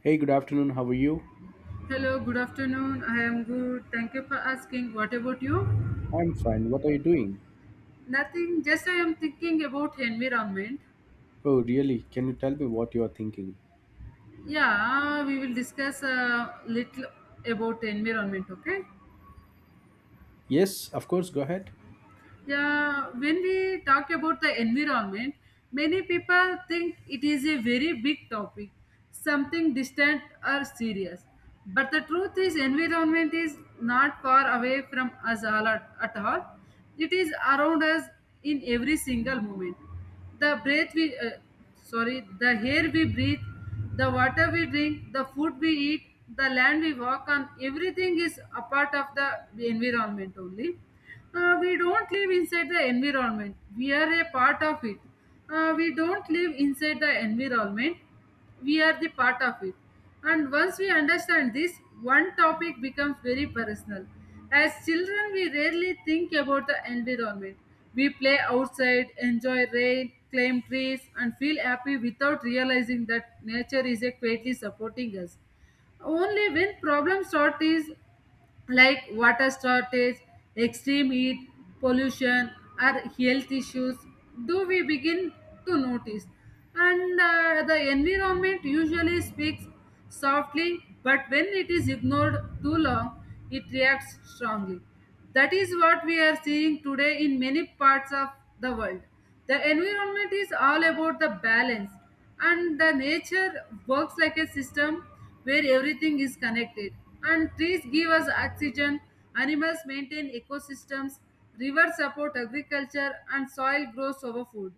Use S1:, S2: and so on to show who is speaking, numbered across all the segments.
S1: Hey, good afternoon. How are you?
S2: Hello, good afternoon. I am good. Thank you for asking. What about you?
S1: I'm fine. What are you doing?
S2: Nothing, just I am thinking about environment.
S1: Oh, really? Can you tell me what you are thinking?
S2: Yeah, we will discuss a little about environment, okay?
S1: Yes, of course. Go ahead.
S2: Yeah, when we talk about the environment, many people think it is a very big topic, something distant or serious. But the truth is, environment is not far away from us at all. It is around us in every single moment. The breath we, uh, the air we breathe, the water we drink, the food we eat, the land we walk on, everything is a part of the environment only we don't live inside the environment. We are a part of it. We don't live inside the environment. We are the part of it. And once we understand this, one topic becomes very personal. As children, we rarely think about the environment. We play outside, enjoy rain, climb trees, and feel happy without realizing that nature is a quietly supporting us. Only when problems start is like water shortage, extreme heat, pollution, or health issues, do we begin to notice? And the environment usually speaks softly, but when it is ignored too long, it reacts strongly. That is what we are seeing today in many parts of the world. The environment is all about the balance, and the nature works like a system where everything is connected. And trees give us oxygen, animals maintain ecosystems, rivers support agriculture, and soil grows over food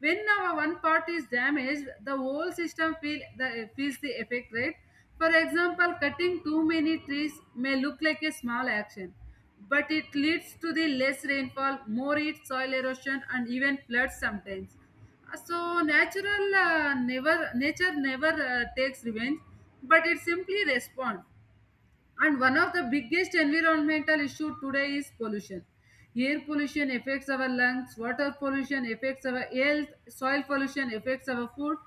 S2: when our one part is damaged, the whole system feels the effect, right? For example, cutting too many trees may look like a small action, but it leads to the less rainfall, more heat, soil erosion, and even floods sometimes. So natural never nature never takes revenge, but it simply responds. And one of the biggest environmental issue today is pollution. Air pollution affects our lungs, water pollution affects our health, soil pollution affects our food.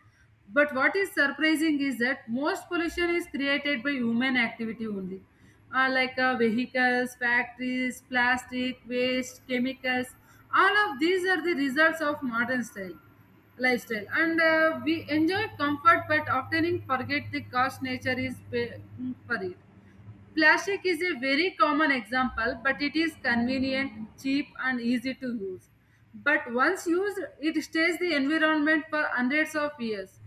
S2: But what is surprising is that most pollution is created by human activity only. Like vehicles, factories, plastic, waste, chemicals. All of these are the results of modern style lifestyle, and we enjoy comfort, but often forget the cost nature is pay for it. Plastic is a very common example, but it is convenient, cheap, and easy to use. But once used, it stays the environment for hundreds of years.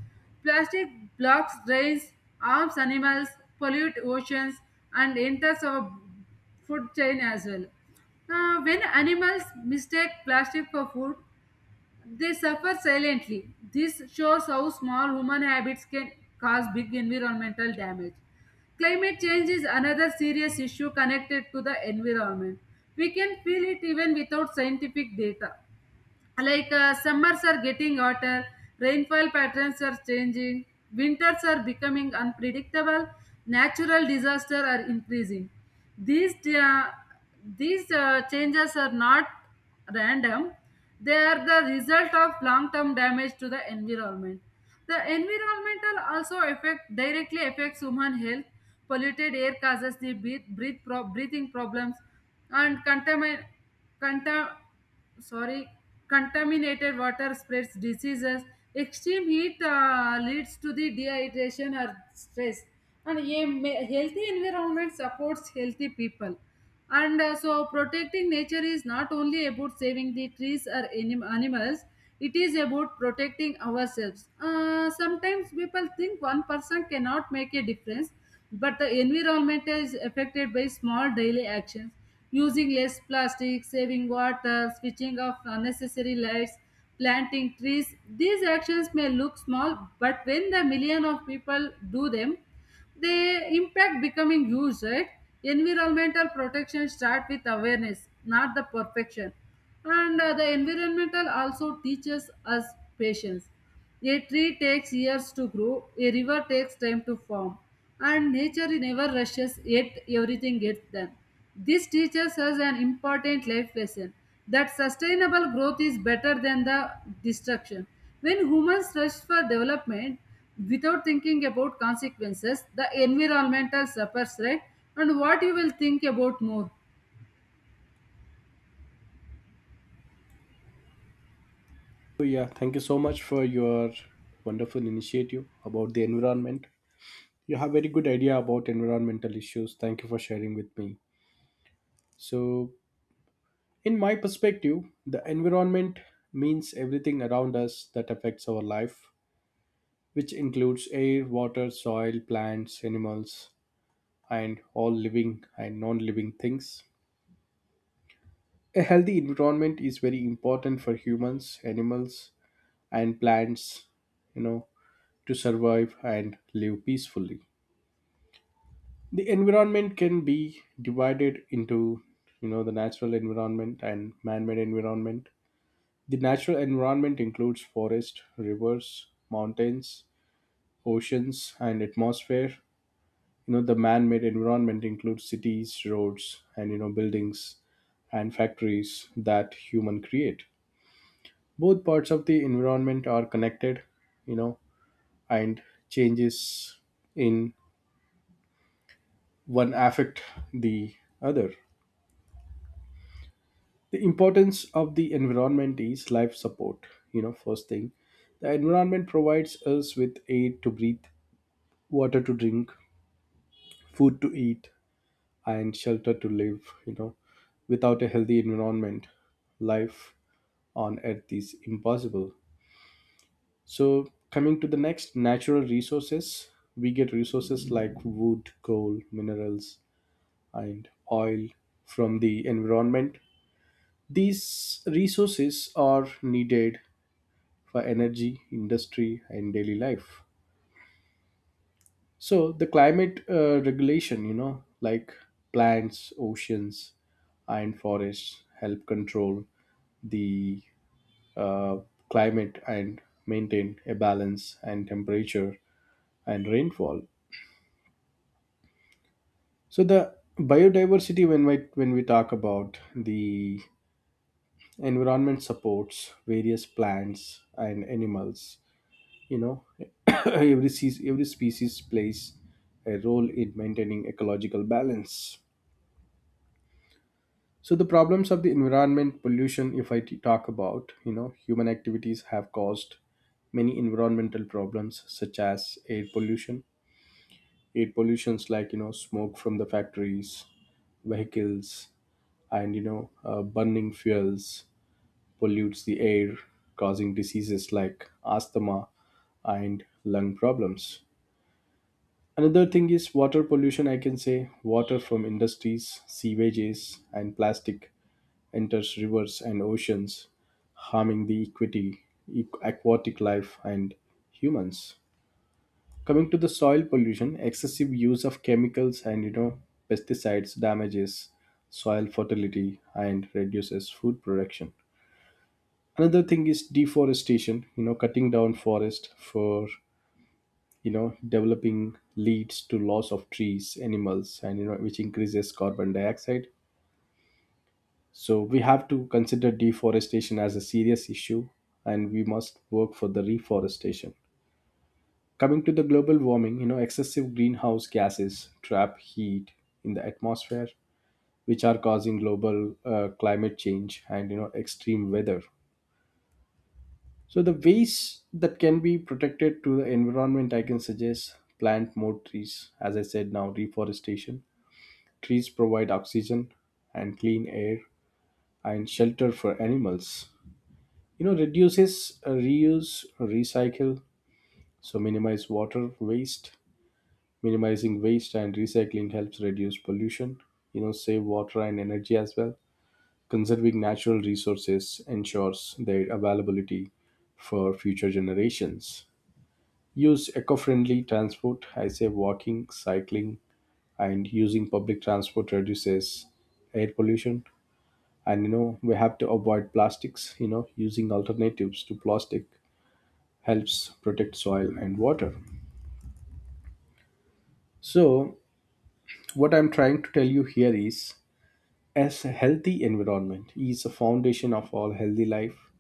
S2: Plastic blocks drains, harms animals, pollute oceans, and enters our food chain as well. When animals mistake plastic for food, they suffer silently. This shows how small human habits can cause big environmental damage. Climate change is another serious issue connected to the environment. We can feel it even without scientific data, like summers are getting hotter, rainfall patterns are changing, winters are becoming unpredictable, natural disasters are increasing. These uh, these uh, changes are not random. They are the result of long term damage to the environment. The environmental also affect directly affects human health. Polluted air causes the breath, breath pro- breathing problems, and contamin- contam- sorry contaminated water spreads diseases. Extreme heat leads to the dehydration or stress, and a healthy environment supports healthy people. And uh, so protecting nature is not only about saving the trees or animals, it is about protecting ourselves. Uh, sometimes people think one person cannot make a difference, but the environment is affected by small daily actions: using less plastic, saving water, switching off unnecessary lights, planting trees. These actions may look small, but when the million of people do them, the impact becoming huge, right? Environmental protection start with awareness, not the perfection. And the environmental also teaches us patience. A tree takes years to grow, a river takes time to form, and nature never rushes, yet everything gets done. This teaches us an important life lesson that sustainable growth is better than the destruction. When humans rush for development without thinking about consequences, the environmental suffers, right? And what you will think about more?
S1: Oh, yeah. Thank you so much for your wonderful initiative about the environment. You have very good idea about environmental issues. Thank you for sharing with me. So, in my perspective, the environment means everything around us that affects our life, which includes air, water, soil, plants, animals, and all living and non-living things. A healthy environment is very important for humans, animals, and plants, you know, to survive and live peacefully. The environment can be divided into, you know, the natural environment and man-made environment. The natural environment includes forest, rivers, mountains, oceans, and atmosphere. You know, the man-made environment includes cities, roads, and you know, buildings and factories that human create. Both parts of the environment are connected, you know, and changes in one affect the other. The importance of the environment is life support. You know, first thing, the environment provides us with air to breathe, water to drink, food to eat, and shelter to live. You know, without a healthy environment, life on earth is impossible. So, coming to the next natural resources, we get resources like wood, coal, minerals, and oil from the environment. These resources are needed for energy, industry, and daily life. So the climate regulation, you know, like plants, oceans, and forests help control the uh, climate and maintain a balance and temperature and rainfall. So the biodiversity, when we talk about the environment, supports various plants and animals. You know, every species plays a role in maintaining ecological balance. So the problems of the environment pollution, if I talk about, you know, human activities have caused many environmental problems such as air pollution. Air pollutions like, you know, smoke from the factories, vehicles, and you know burning fuels pollutes the air, causing diseases like asthma and lung problems. Another thing is water pollution. I can say water from industries, sewages, and plastic enters rivers and oceans, harming the aquatic life, and humans. Coming to the soil pollution, excessive use of chemicals and you know pesticides damages soil fertility and reduces food production. Another thing is deforestation, you know, cutting down forest for you know developing leads to loss of trees, animals, and you know, which increases carbon dioxide. So we have to consider deforestation as a serious issue, and we must work for the reforestation. Coming to the global warming, you know, excessive greenhouse gases trap heat in the atmosphere, which are causing global climate change and you know extreme weather. So the ways that can be protected to the environment, I can suggest plant more trees as I said now, reforestation. Trees provide oxygen and clean air and shelter for animals. You know, reduces, reuse, recycle, so minimize water waste. Minimizing waste and recycling helps reduce pollution. You know, save water and energy as well. Conserving natural resources ensures their availability for future generations. Use eco-friendly transport, I say walking, cycling, and using public transport reduces air pollution. And you know, we have to avoid plastics. You know, using alternatives to plastic helps protect soil and water. So, what I'm trying to tell you here is, as a healthy environment is a foundation of all healthy life.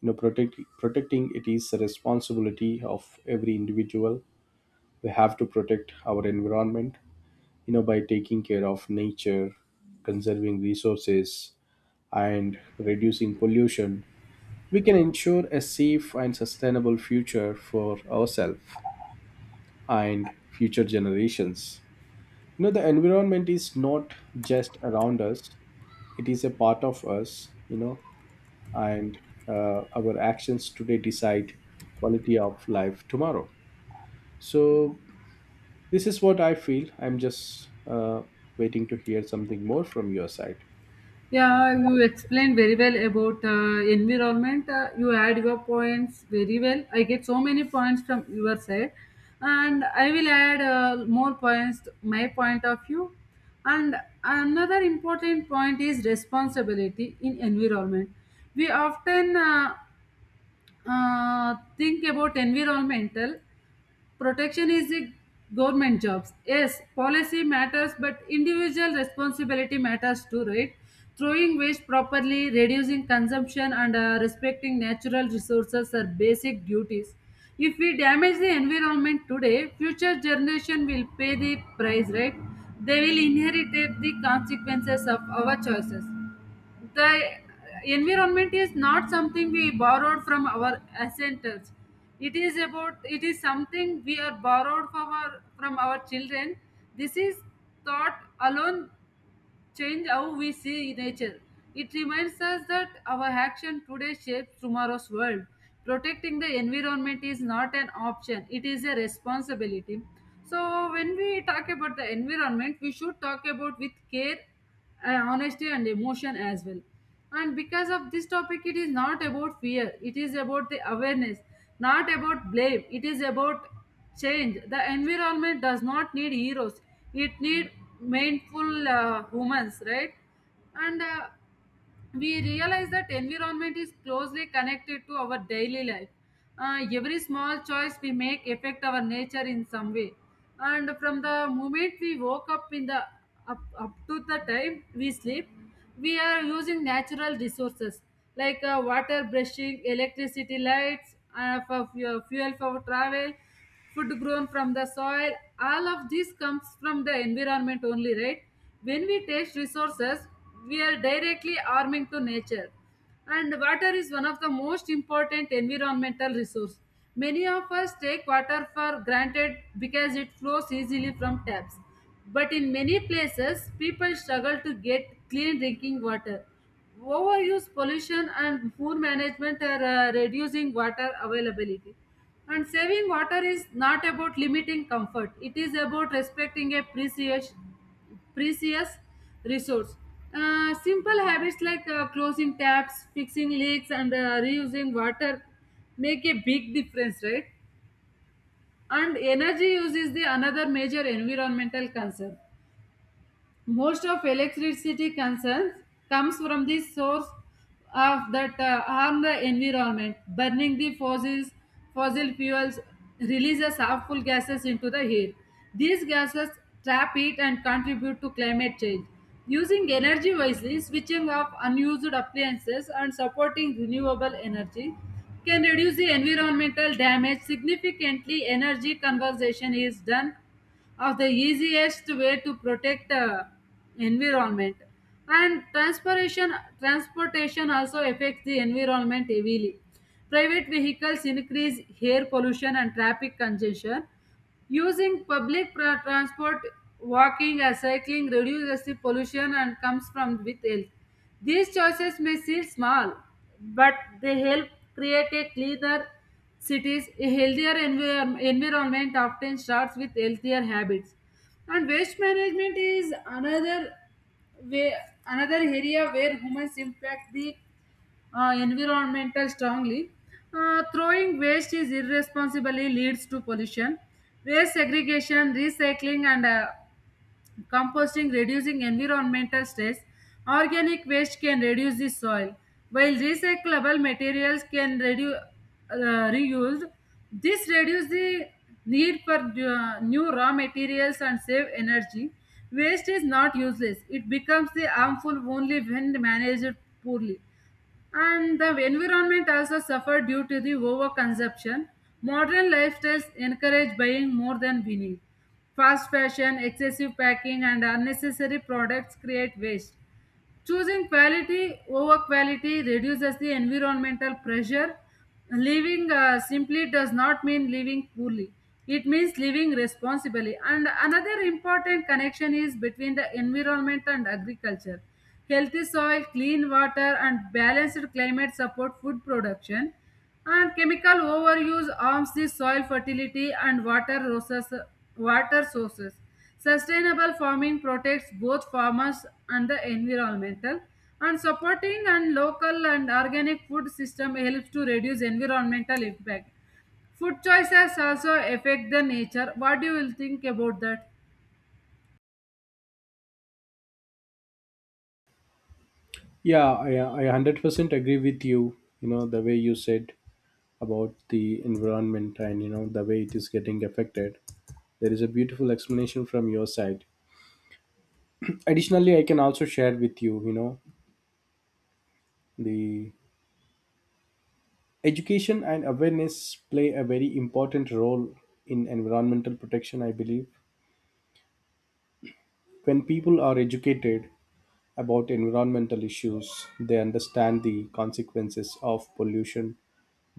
S1: You know, protecting it is a responsibility of every individual. We have to protect our environment, you know, by taking care of nature, conserving resources, and reducing pollution. We can ensure a safe and sustainable future for ourselves and future generations. You know, the environment is not just around us, it is a part of us. You know, and our actions today decide quality of life tomorrow. So this is what I feel. I'm just waiting to hear something more from your side.
S2: Yeah, you explained very well about environment. You add your points very well. I get so many points from your side, and I will add more points to my point of view. And another important point is responsibility in environment. We often think about environmental protection is a government jobs. Yes, policy matters, but individual responsibility matters too, right? Throwing waste properly, reducing consumption, and respecting natural resources are basic duties. If we damage the environment today, future generation will pay the price, right? They will inherit the consequences of our choices. The environment is not something we borrowed from our ancestors, it is about it is something we are borrowed from our children. This is thought alone, change how we see nature. It reminds us that our action today shapes tomorrow's world. Protecting the environment is not an option, it is a responsibility. So when we talk about the environment, we should talk about with care, honesty, and emotion as well. And because of this topic, it is not about fear, it is about the awareness, not about blame, it is about change. The environment does not need heroes, it need mindful humans, right? And we realize that environment is closely connected to our daily life. Every small choice we make affect our nature in some way. And from the moment we woke up in the up to the time we sleep, we are using natural resources like water, brushing, electricity, lights, for fu- fuel for travel, food grown from the soil. All of this comes from the environment only, right? When we taste resources, we are directly harming to nature. And water is one of the most important environmental resource. Many of us take water for granted because it flows easily from taps, but in many places people struggle to get clean drinking water. Overuse, pollution, and poor management are reducing water availability, and saving water is not about limiting comfort, it is about respecting a precious resource. Simple habits like closing taps, fixing leaks, and reusing water make a big difference, right? And energy use is the another major environmental concern. Most of electricity concerns comes from the source of that harm the environment. Burning the fossil fuels releases harmful gases into the air. These gases trap heat and contribute to climate change. Using energy wisely, switching off unused appliances, and supporting renewable energy can reduce the environmental damage significantly. Energy conservation is done of the easiest way to protect environment. And transportation also affects the environment heavily. Private vehicles increase air pollution and traffic congestion. Using public transport, walking, or cycling reduces the pollution and comes from with health. These choices may seem small, but they help create a cleaner cities. A healthier environment often starts with healthier habits. And waste management is way, another area where humans impact the environmental strongly. Throwing waste is irresponsibly leads to pollution. Waste segregation, recycling, and composting reducing environmental stress. Organic waste can reduce the soil, while recyclable materials can reduce reused. This reduce the need for new raw materials and save energy. Waste is not useless; it becomes the harmful only when managed poorly. And the environment also suffered due to the overconsumption. Modern lifestyles encourage buying more than we need. Fast fashion, excessive packing, and unnecessary products create waste. Choosing quality over quality reduces the environmental pressure. Living simply does not mean living poorly. It means living responsibly. And another important connection is between the environment and agriculture. Healthy soil, clean water, and balanced climate support food production. And chemical overuse harms the soil fertility and water resources. Water sources. Sustainable farming protects both farmers and the environmental, and supporting and local and organic food system helps to reduce environmental impact. Food choices also affect the nature. What do you will think about that?
S1: Yeah, I 100% agree with you. You know, the way you said about the environment and you know the way it is getting affected, there is a beautiful explanation from your side. Additionally, I can also share with you, you know, the education and awareness play a very important role in environmental protection, I believe. When people are educated about environmental issues, they understand the consequences of pollution,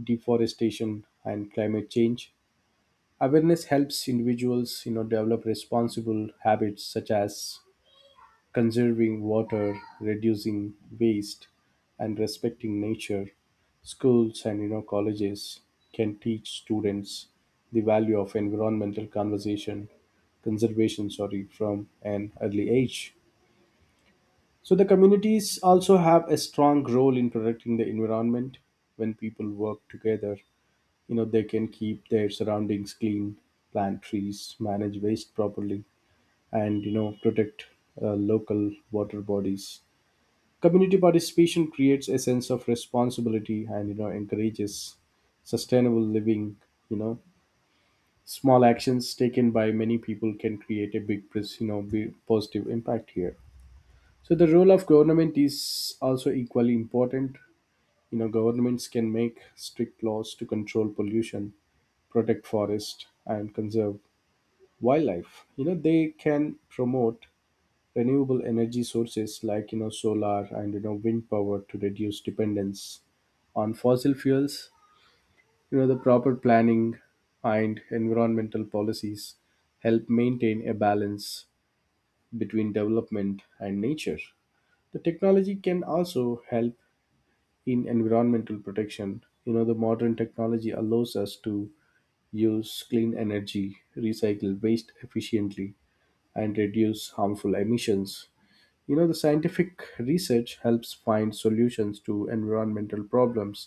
S1: deforestation, and climate change. Awareness helps individuals, you know, develop responsible habits such as conserving water, reducing waste, and respecting nature. Schools and you know colleges can teach students the value of environmental conversation conservation, sorry, from an early age. So the communities also have a strong role in protecting the environment when people work together. You know, they can keep their surroundings clean, plant trees, manage waste properly, and you know, protect local water bodies. Community participation creates a sense of responsibility and you know encourages sustainable living. You know, small actions taken by many people can create a you know, big positive impact here. So the role of government is also equally important. You know, governments can make strict laws to control pollution, protect forest, and conserve wildlife. You know, they can promote renewable energy sources like you know solar and you know wind power to reduce dependence on fossil fuels. You know, the proper planning and environmental policies help maintain a balance between development and nature. The technology can also help in environmental protection. You know, the modern technology allows us to use clean energy, recycle waste efficiently, and reduce harmful emissions. You know, the scientific research helps find solutions to environmental problems,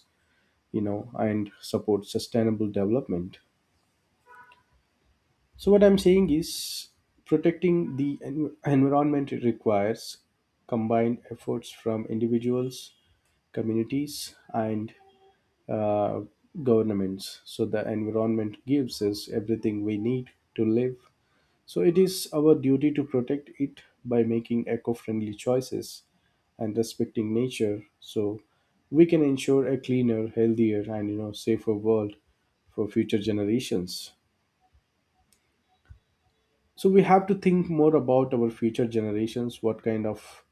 S1: you know, and support sustainable development. So, what I'm saying is protecting the environment requires combined efforts from individuals, communities, and uh, governments. So, the environment gives us everything we need to live, so it is our duty to protect it by making eco friendly choices and respecting nature, so we can ensure a cleaner, healthier, and you know, safer world for future generations. So we have to think more about our future generations, what kind of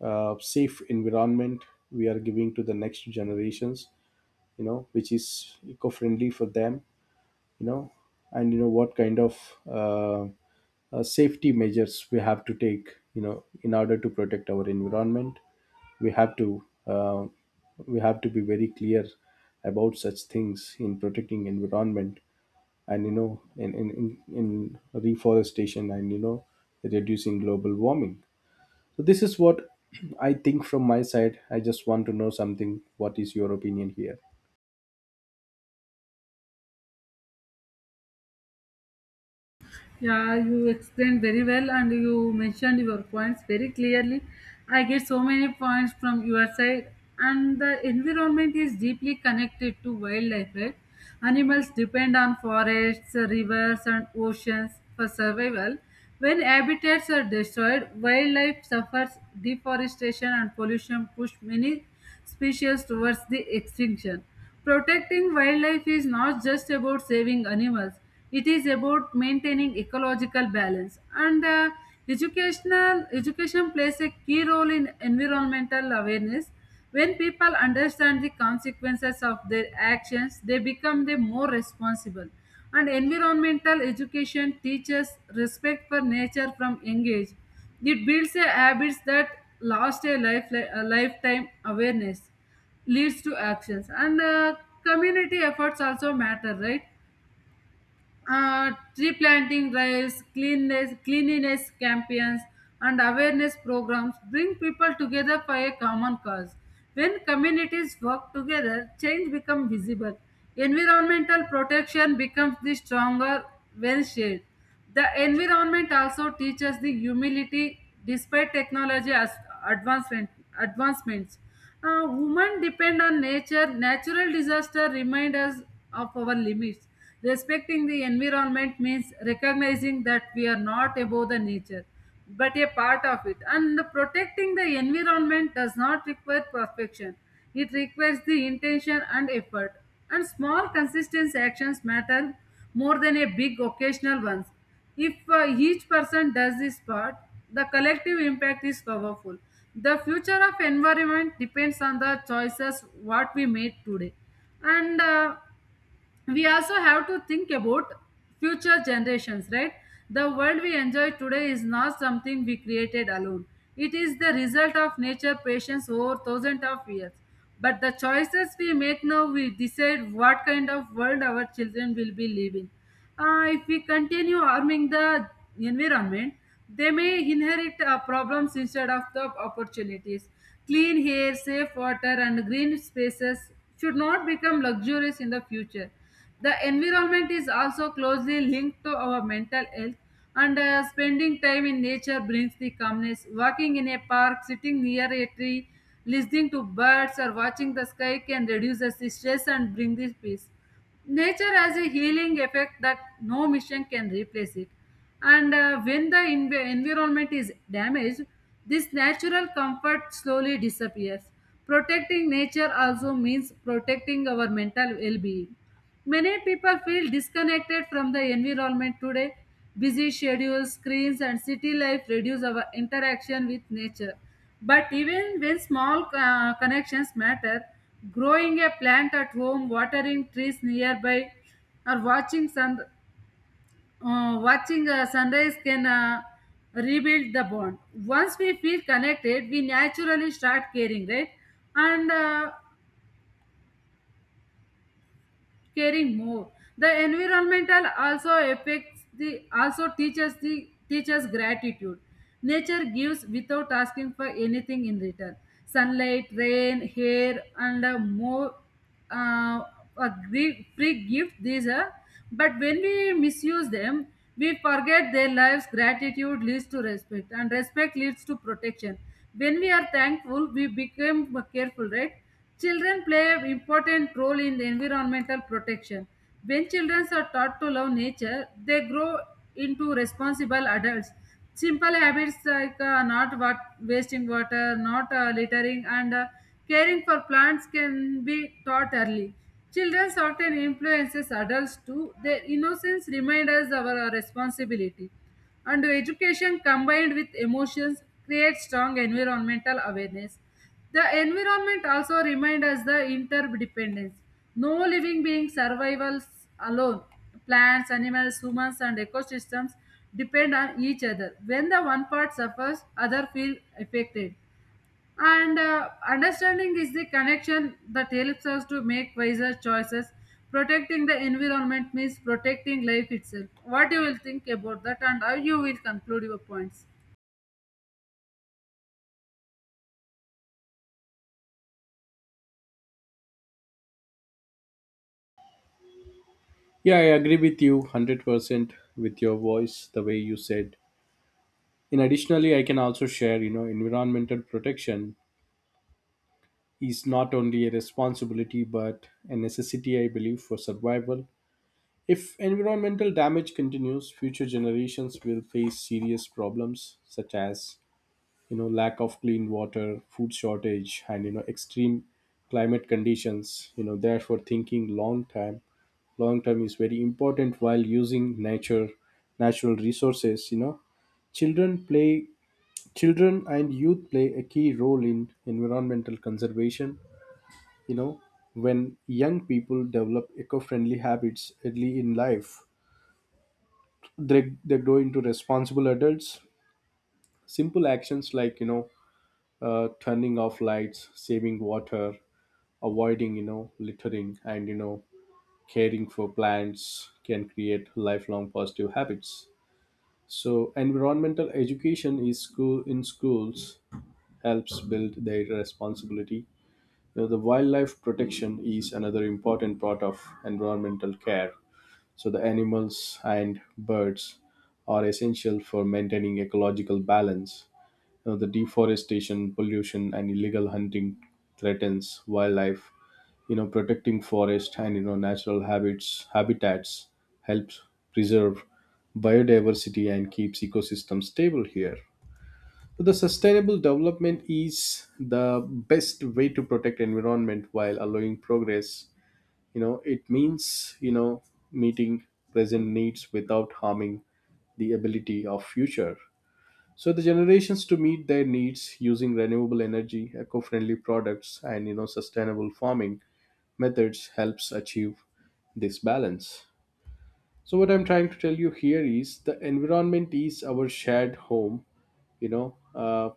S1: safe environment we are giving to the next generations, you know, which is eco friendly for them, you know, and you know what kind of safety measures we have to take, you know, in order to protect our environment. We have to we have to be very clear about such things in protecting environment and you know in reforestation and you know reducing global warming. So this is what I think from my side. I just want to know something. What is your opinion here?
S2: Yeah, you explained very well and you mentioned your points very clearly. I get so many points from your side, and the environment is deeply connected to wildlife, right? Animals depend on forests, rivers, and oceans for survival. When habitats are destroyed, wildlife suffers. Deforestation and pollution push many species towards the extinction. Protecting wildlife is not just about saving animals, it is about maintaining ecological balance. And educational education plays a key role in environmental awareness. When people understand the consequences of their actions, they become the more responsible. And environmental education teaches respect for nature from young age. It builds a habits that last a lifetime. Awareness leads to actions, and community efforts also matter, right? Tree planting drives, cleanliness campaigns, and awareness programs bring people together for a common cause. When communities work together, change becomes visible. Environmental protection becomes the stronger when shared. The environment also teaches the humility. Despite technology advancement, advancements, uh, women depend on nature. Natural disaster remind us of our limits. Respecting the environment means recognizing that we are not above the nature, but a part of it. And protecting the environment does not require perfection. It requires the intention and effort. And small consistent actions matter more than a big occasional ones. If each person does his part, the collective impact is powerful. The future of environment depends on the choices what we made today. And we also have to think about future generations, right? The world we enjoy today is not something we created alone, it is the result of nature patience over thousands of years. But the choices we make now, we decide what kind of world our children will be living. Uh, if we continue harming the environment, they may inherit problems instead of the opportunities. Clean air, safe water, and green spaces should not become luxuries in the future. The environment is also closely linked to our mental health, and spending time in nature brings the calmness. Walking in a park, sitting near a tree, listening to birds, or watching the sky can reduce the stress and bring the peace. Nature has a healing effect that no mission can replace it. And when the environment is damaged, this natural comfort slowly disappears. Protecting nature also means protecting our mental well-being. Many people feel disconnected from the environment today. Busy schedules, screens, and city life reduce our interaction with nature. But even when small connections matter, growing a plant at home, watering trees nearby, or watching sun watching sunrise can rebuild the bond. Once we feel connected, we naturally start caring, right? And caring more. The environmental also affects the also teaches the teaches gratitude. Nature gives without asking for anything in return. Sunlight, rain, air, and uh, a free gift these are. But when we misuse them, we forget their lives. Gratitude leads to respect, and respect leads to protection. When we are thankful, we become careful, right? Children play an important role in the environmental protection. When children are taught to love nature, they grow into responsible adults. Simple habits like not wa- wasting water, not littering, and caring for plants can be taught early. Children often influences adults too. Their innocence reminds us of our responsibility. And education combined with emotions creates strong environmental awareness. The environment also reminds us the interdependence. No living being survives alone. Plants, animals, humans, and ecosystems depend on each other. When the one part suffers, other feel affected. And Understanding is the connection that helps us to make wiser choices. Protecting the environment means protecting life itself. What you will think about that, and how you will conclude your points?
S1: Yeah, I agree with you 100%. With your voice, the way you said, in additionally I can also share, you know, environmental protection is not only a responsibility but a necessity, I believe, for survival. If environmental damage continues, future generations will face serious problems such as, you know, lack of clean water, food shortage, and you know extreme climate conditions. You know, therefore thinking long term is very important while using nature natural resources. You know, children play children and youth play a key role in environmental conservation. You know, when young people develop eco friendly habits early in life, they grow into responsible adults. Simple actions like, you know, turning off lights, saving water, avoiding, you know, littering, and, you know, caring for plants can create lifelong positive habits. So, environmental education is school in schools helps build their responsibility. Now, the wildlife protection is another important part of environmental care. So, the animals and birds are essential for maintaining ecological balance. Now, the deforestation, pollution, and illegal hunting threatens wildlife. You know, protecting forest and you know natural habits habitats helps preserve biodiversity and keeps ecosystems stable here. So the sustainable development is the best way to protect environment while allowing progress. You know, it means, you know, meeting present needs without harming the ability of future, so the generations to meet their needs, using renewable energy, eco-friendly products, and you know sustainable farming methods helps achieve this balance. So what I'm trying to tell you here is the environment is our shared home. You know,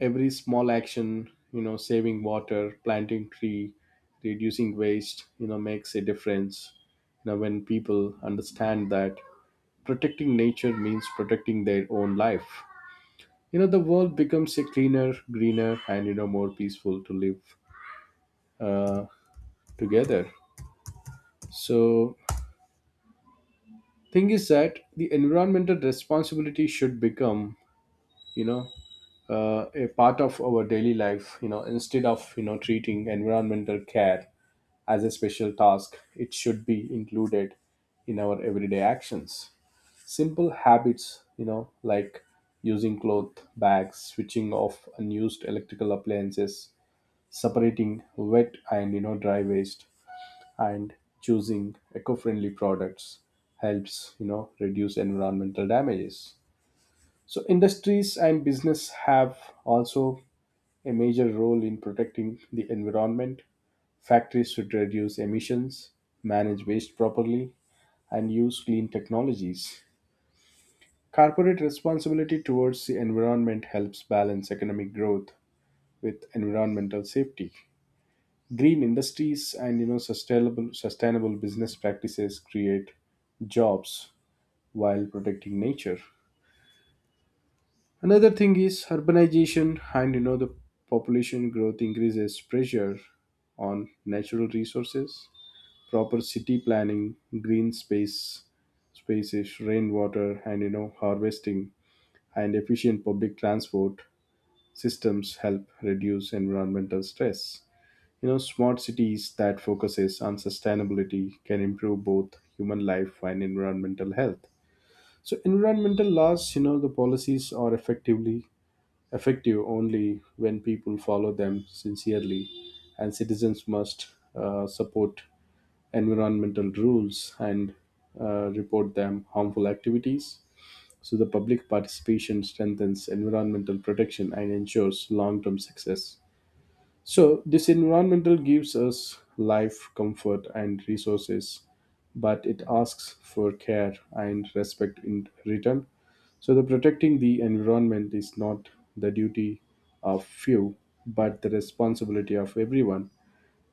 S1: every small action, you know, saving water, planting tree, reducing waste, you know, makes a difference. You know, when people understand that protecting nature means protecting their own life, you know, the world becomes a cleaner, greener, and you know more peaceful to live uh, together. So, thing is that the environmental responsibility should become, you know, a part of our daily life. You know, instead of you know treating environmental care as a special task, it should be included in our everyday actions. Simple habits, you know, like using cloth bags, switching off unused electrical appliances, separating wet and you know dry waste, and choosing eco-friendly products helps you know reduce environmental damages. So industries and business have also a major role in protecting the environment. Factories should reduce emissions, manage waste properly, and use clean technologies. Corporate responsibility towards the environment helps balance economic growth with environmental safety. Green industries and you know sustainable business practices create jobs while protecting nature. Another thing is urbanization and you know the population growth increases pressure on natural resources. Proper city planning, green space spaces, rainwater and you know harvesting, and efficient public transport systems help reduce environmental stress. You know, smart cities that focuses on sustainability can improve both human life and environmental health. So environmental laws, you know, the policies are effective only when people follow them sincerely, and citizens must support environmental rules and report them harmful activities. So the public participation strengthens environmental protection and ensures long-term success. So, this environmental gives us life, comfort, and resources, but it asks for care and respect in return. So, the protecting the environment is not the duty of few, but the responsibility of everyone.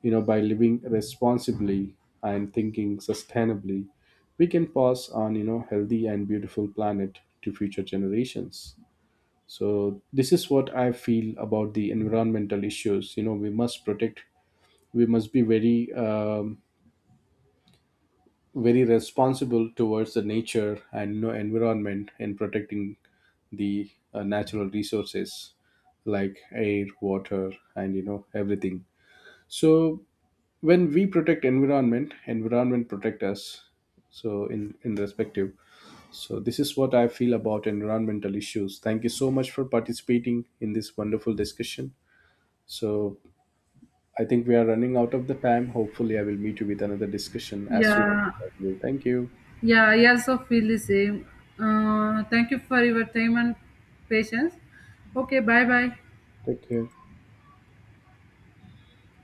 S1: You know, by living responsibly and thinking sustainably, we can pass on, you know, healthy and beautiful planet to future generations. So this is what I feel about the environmental issues. You know, we must protect, we must be very very responsible towards the nature and you know environment in protecting the natural resources like air, water, and you know everything. So when we protect environment, environment protect us. So in respective, so this is what I feel about environmental issues. Thank you so much for participating in this wonderful discussion. So I think we are running out of the time. Hopefully, I will meet you with another discussion as soon as
S2: Yeah,
S1: possible. Thank you.
S2: Yeah, I also feel the same. Thank you for your time and patience. Okay, bye bye.
S1: Take care.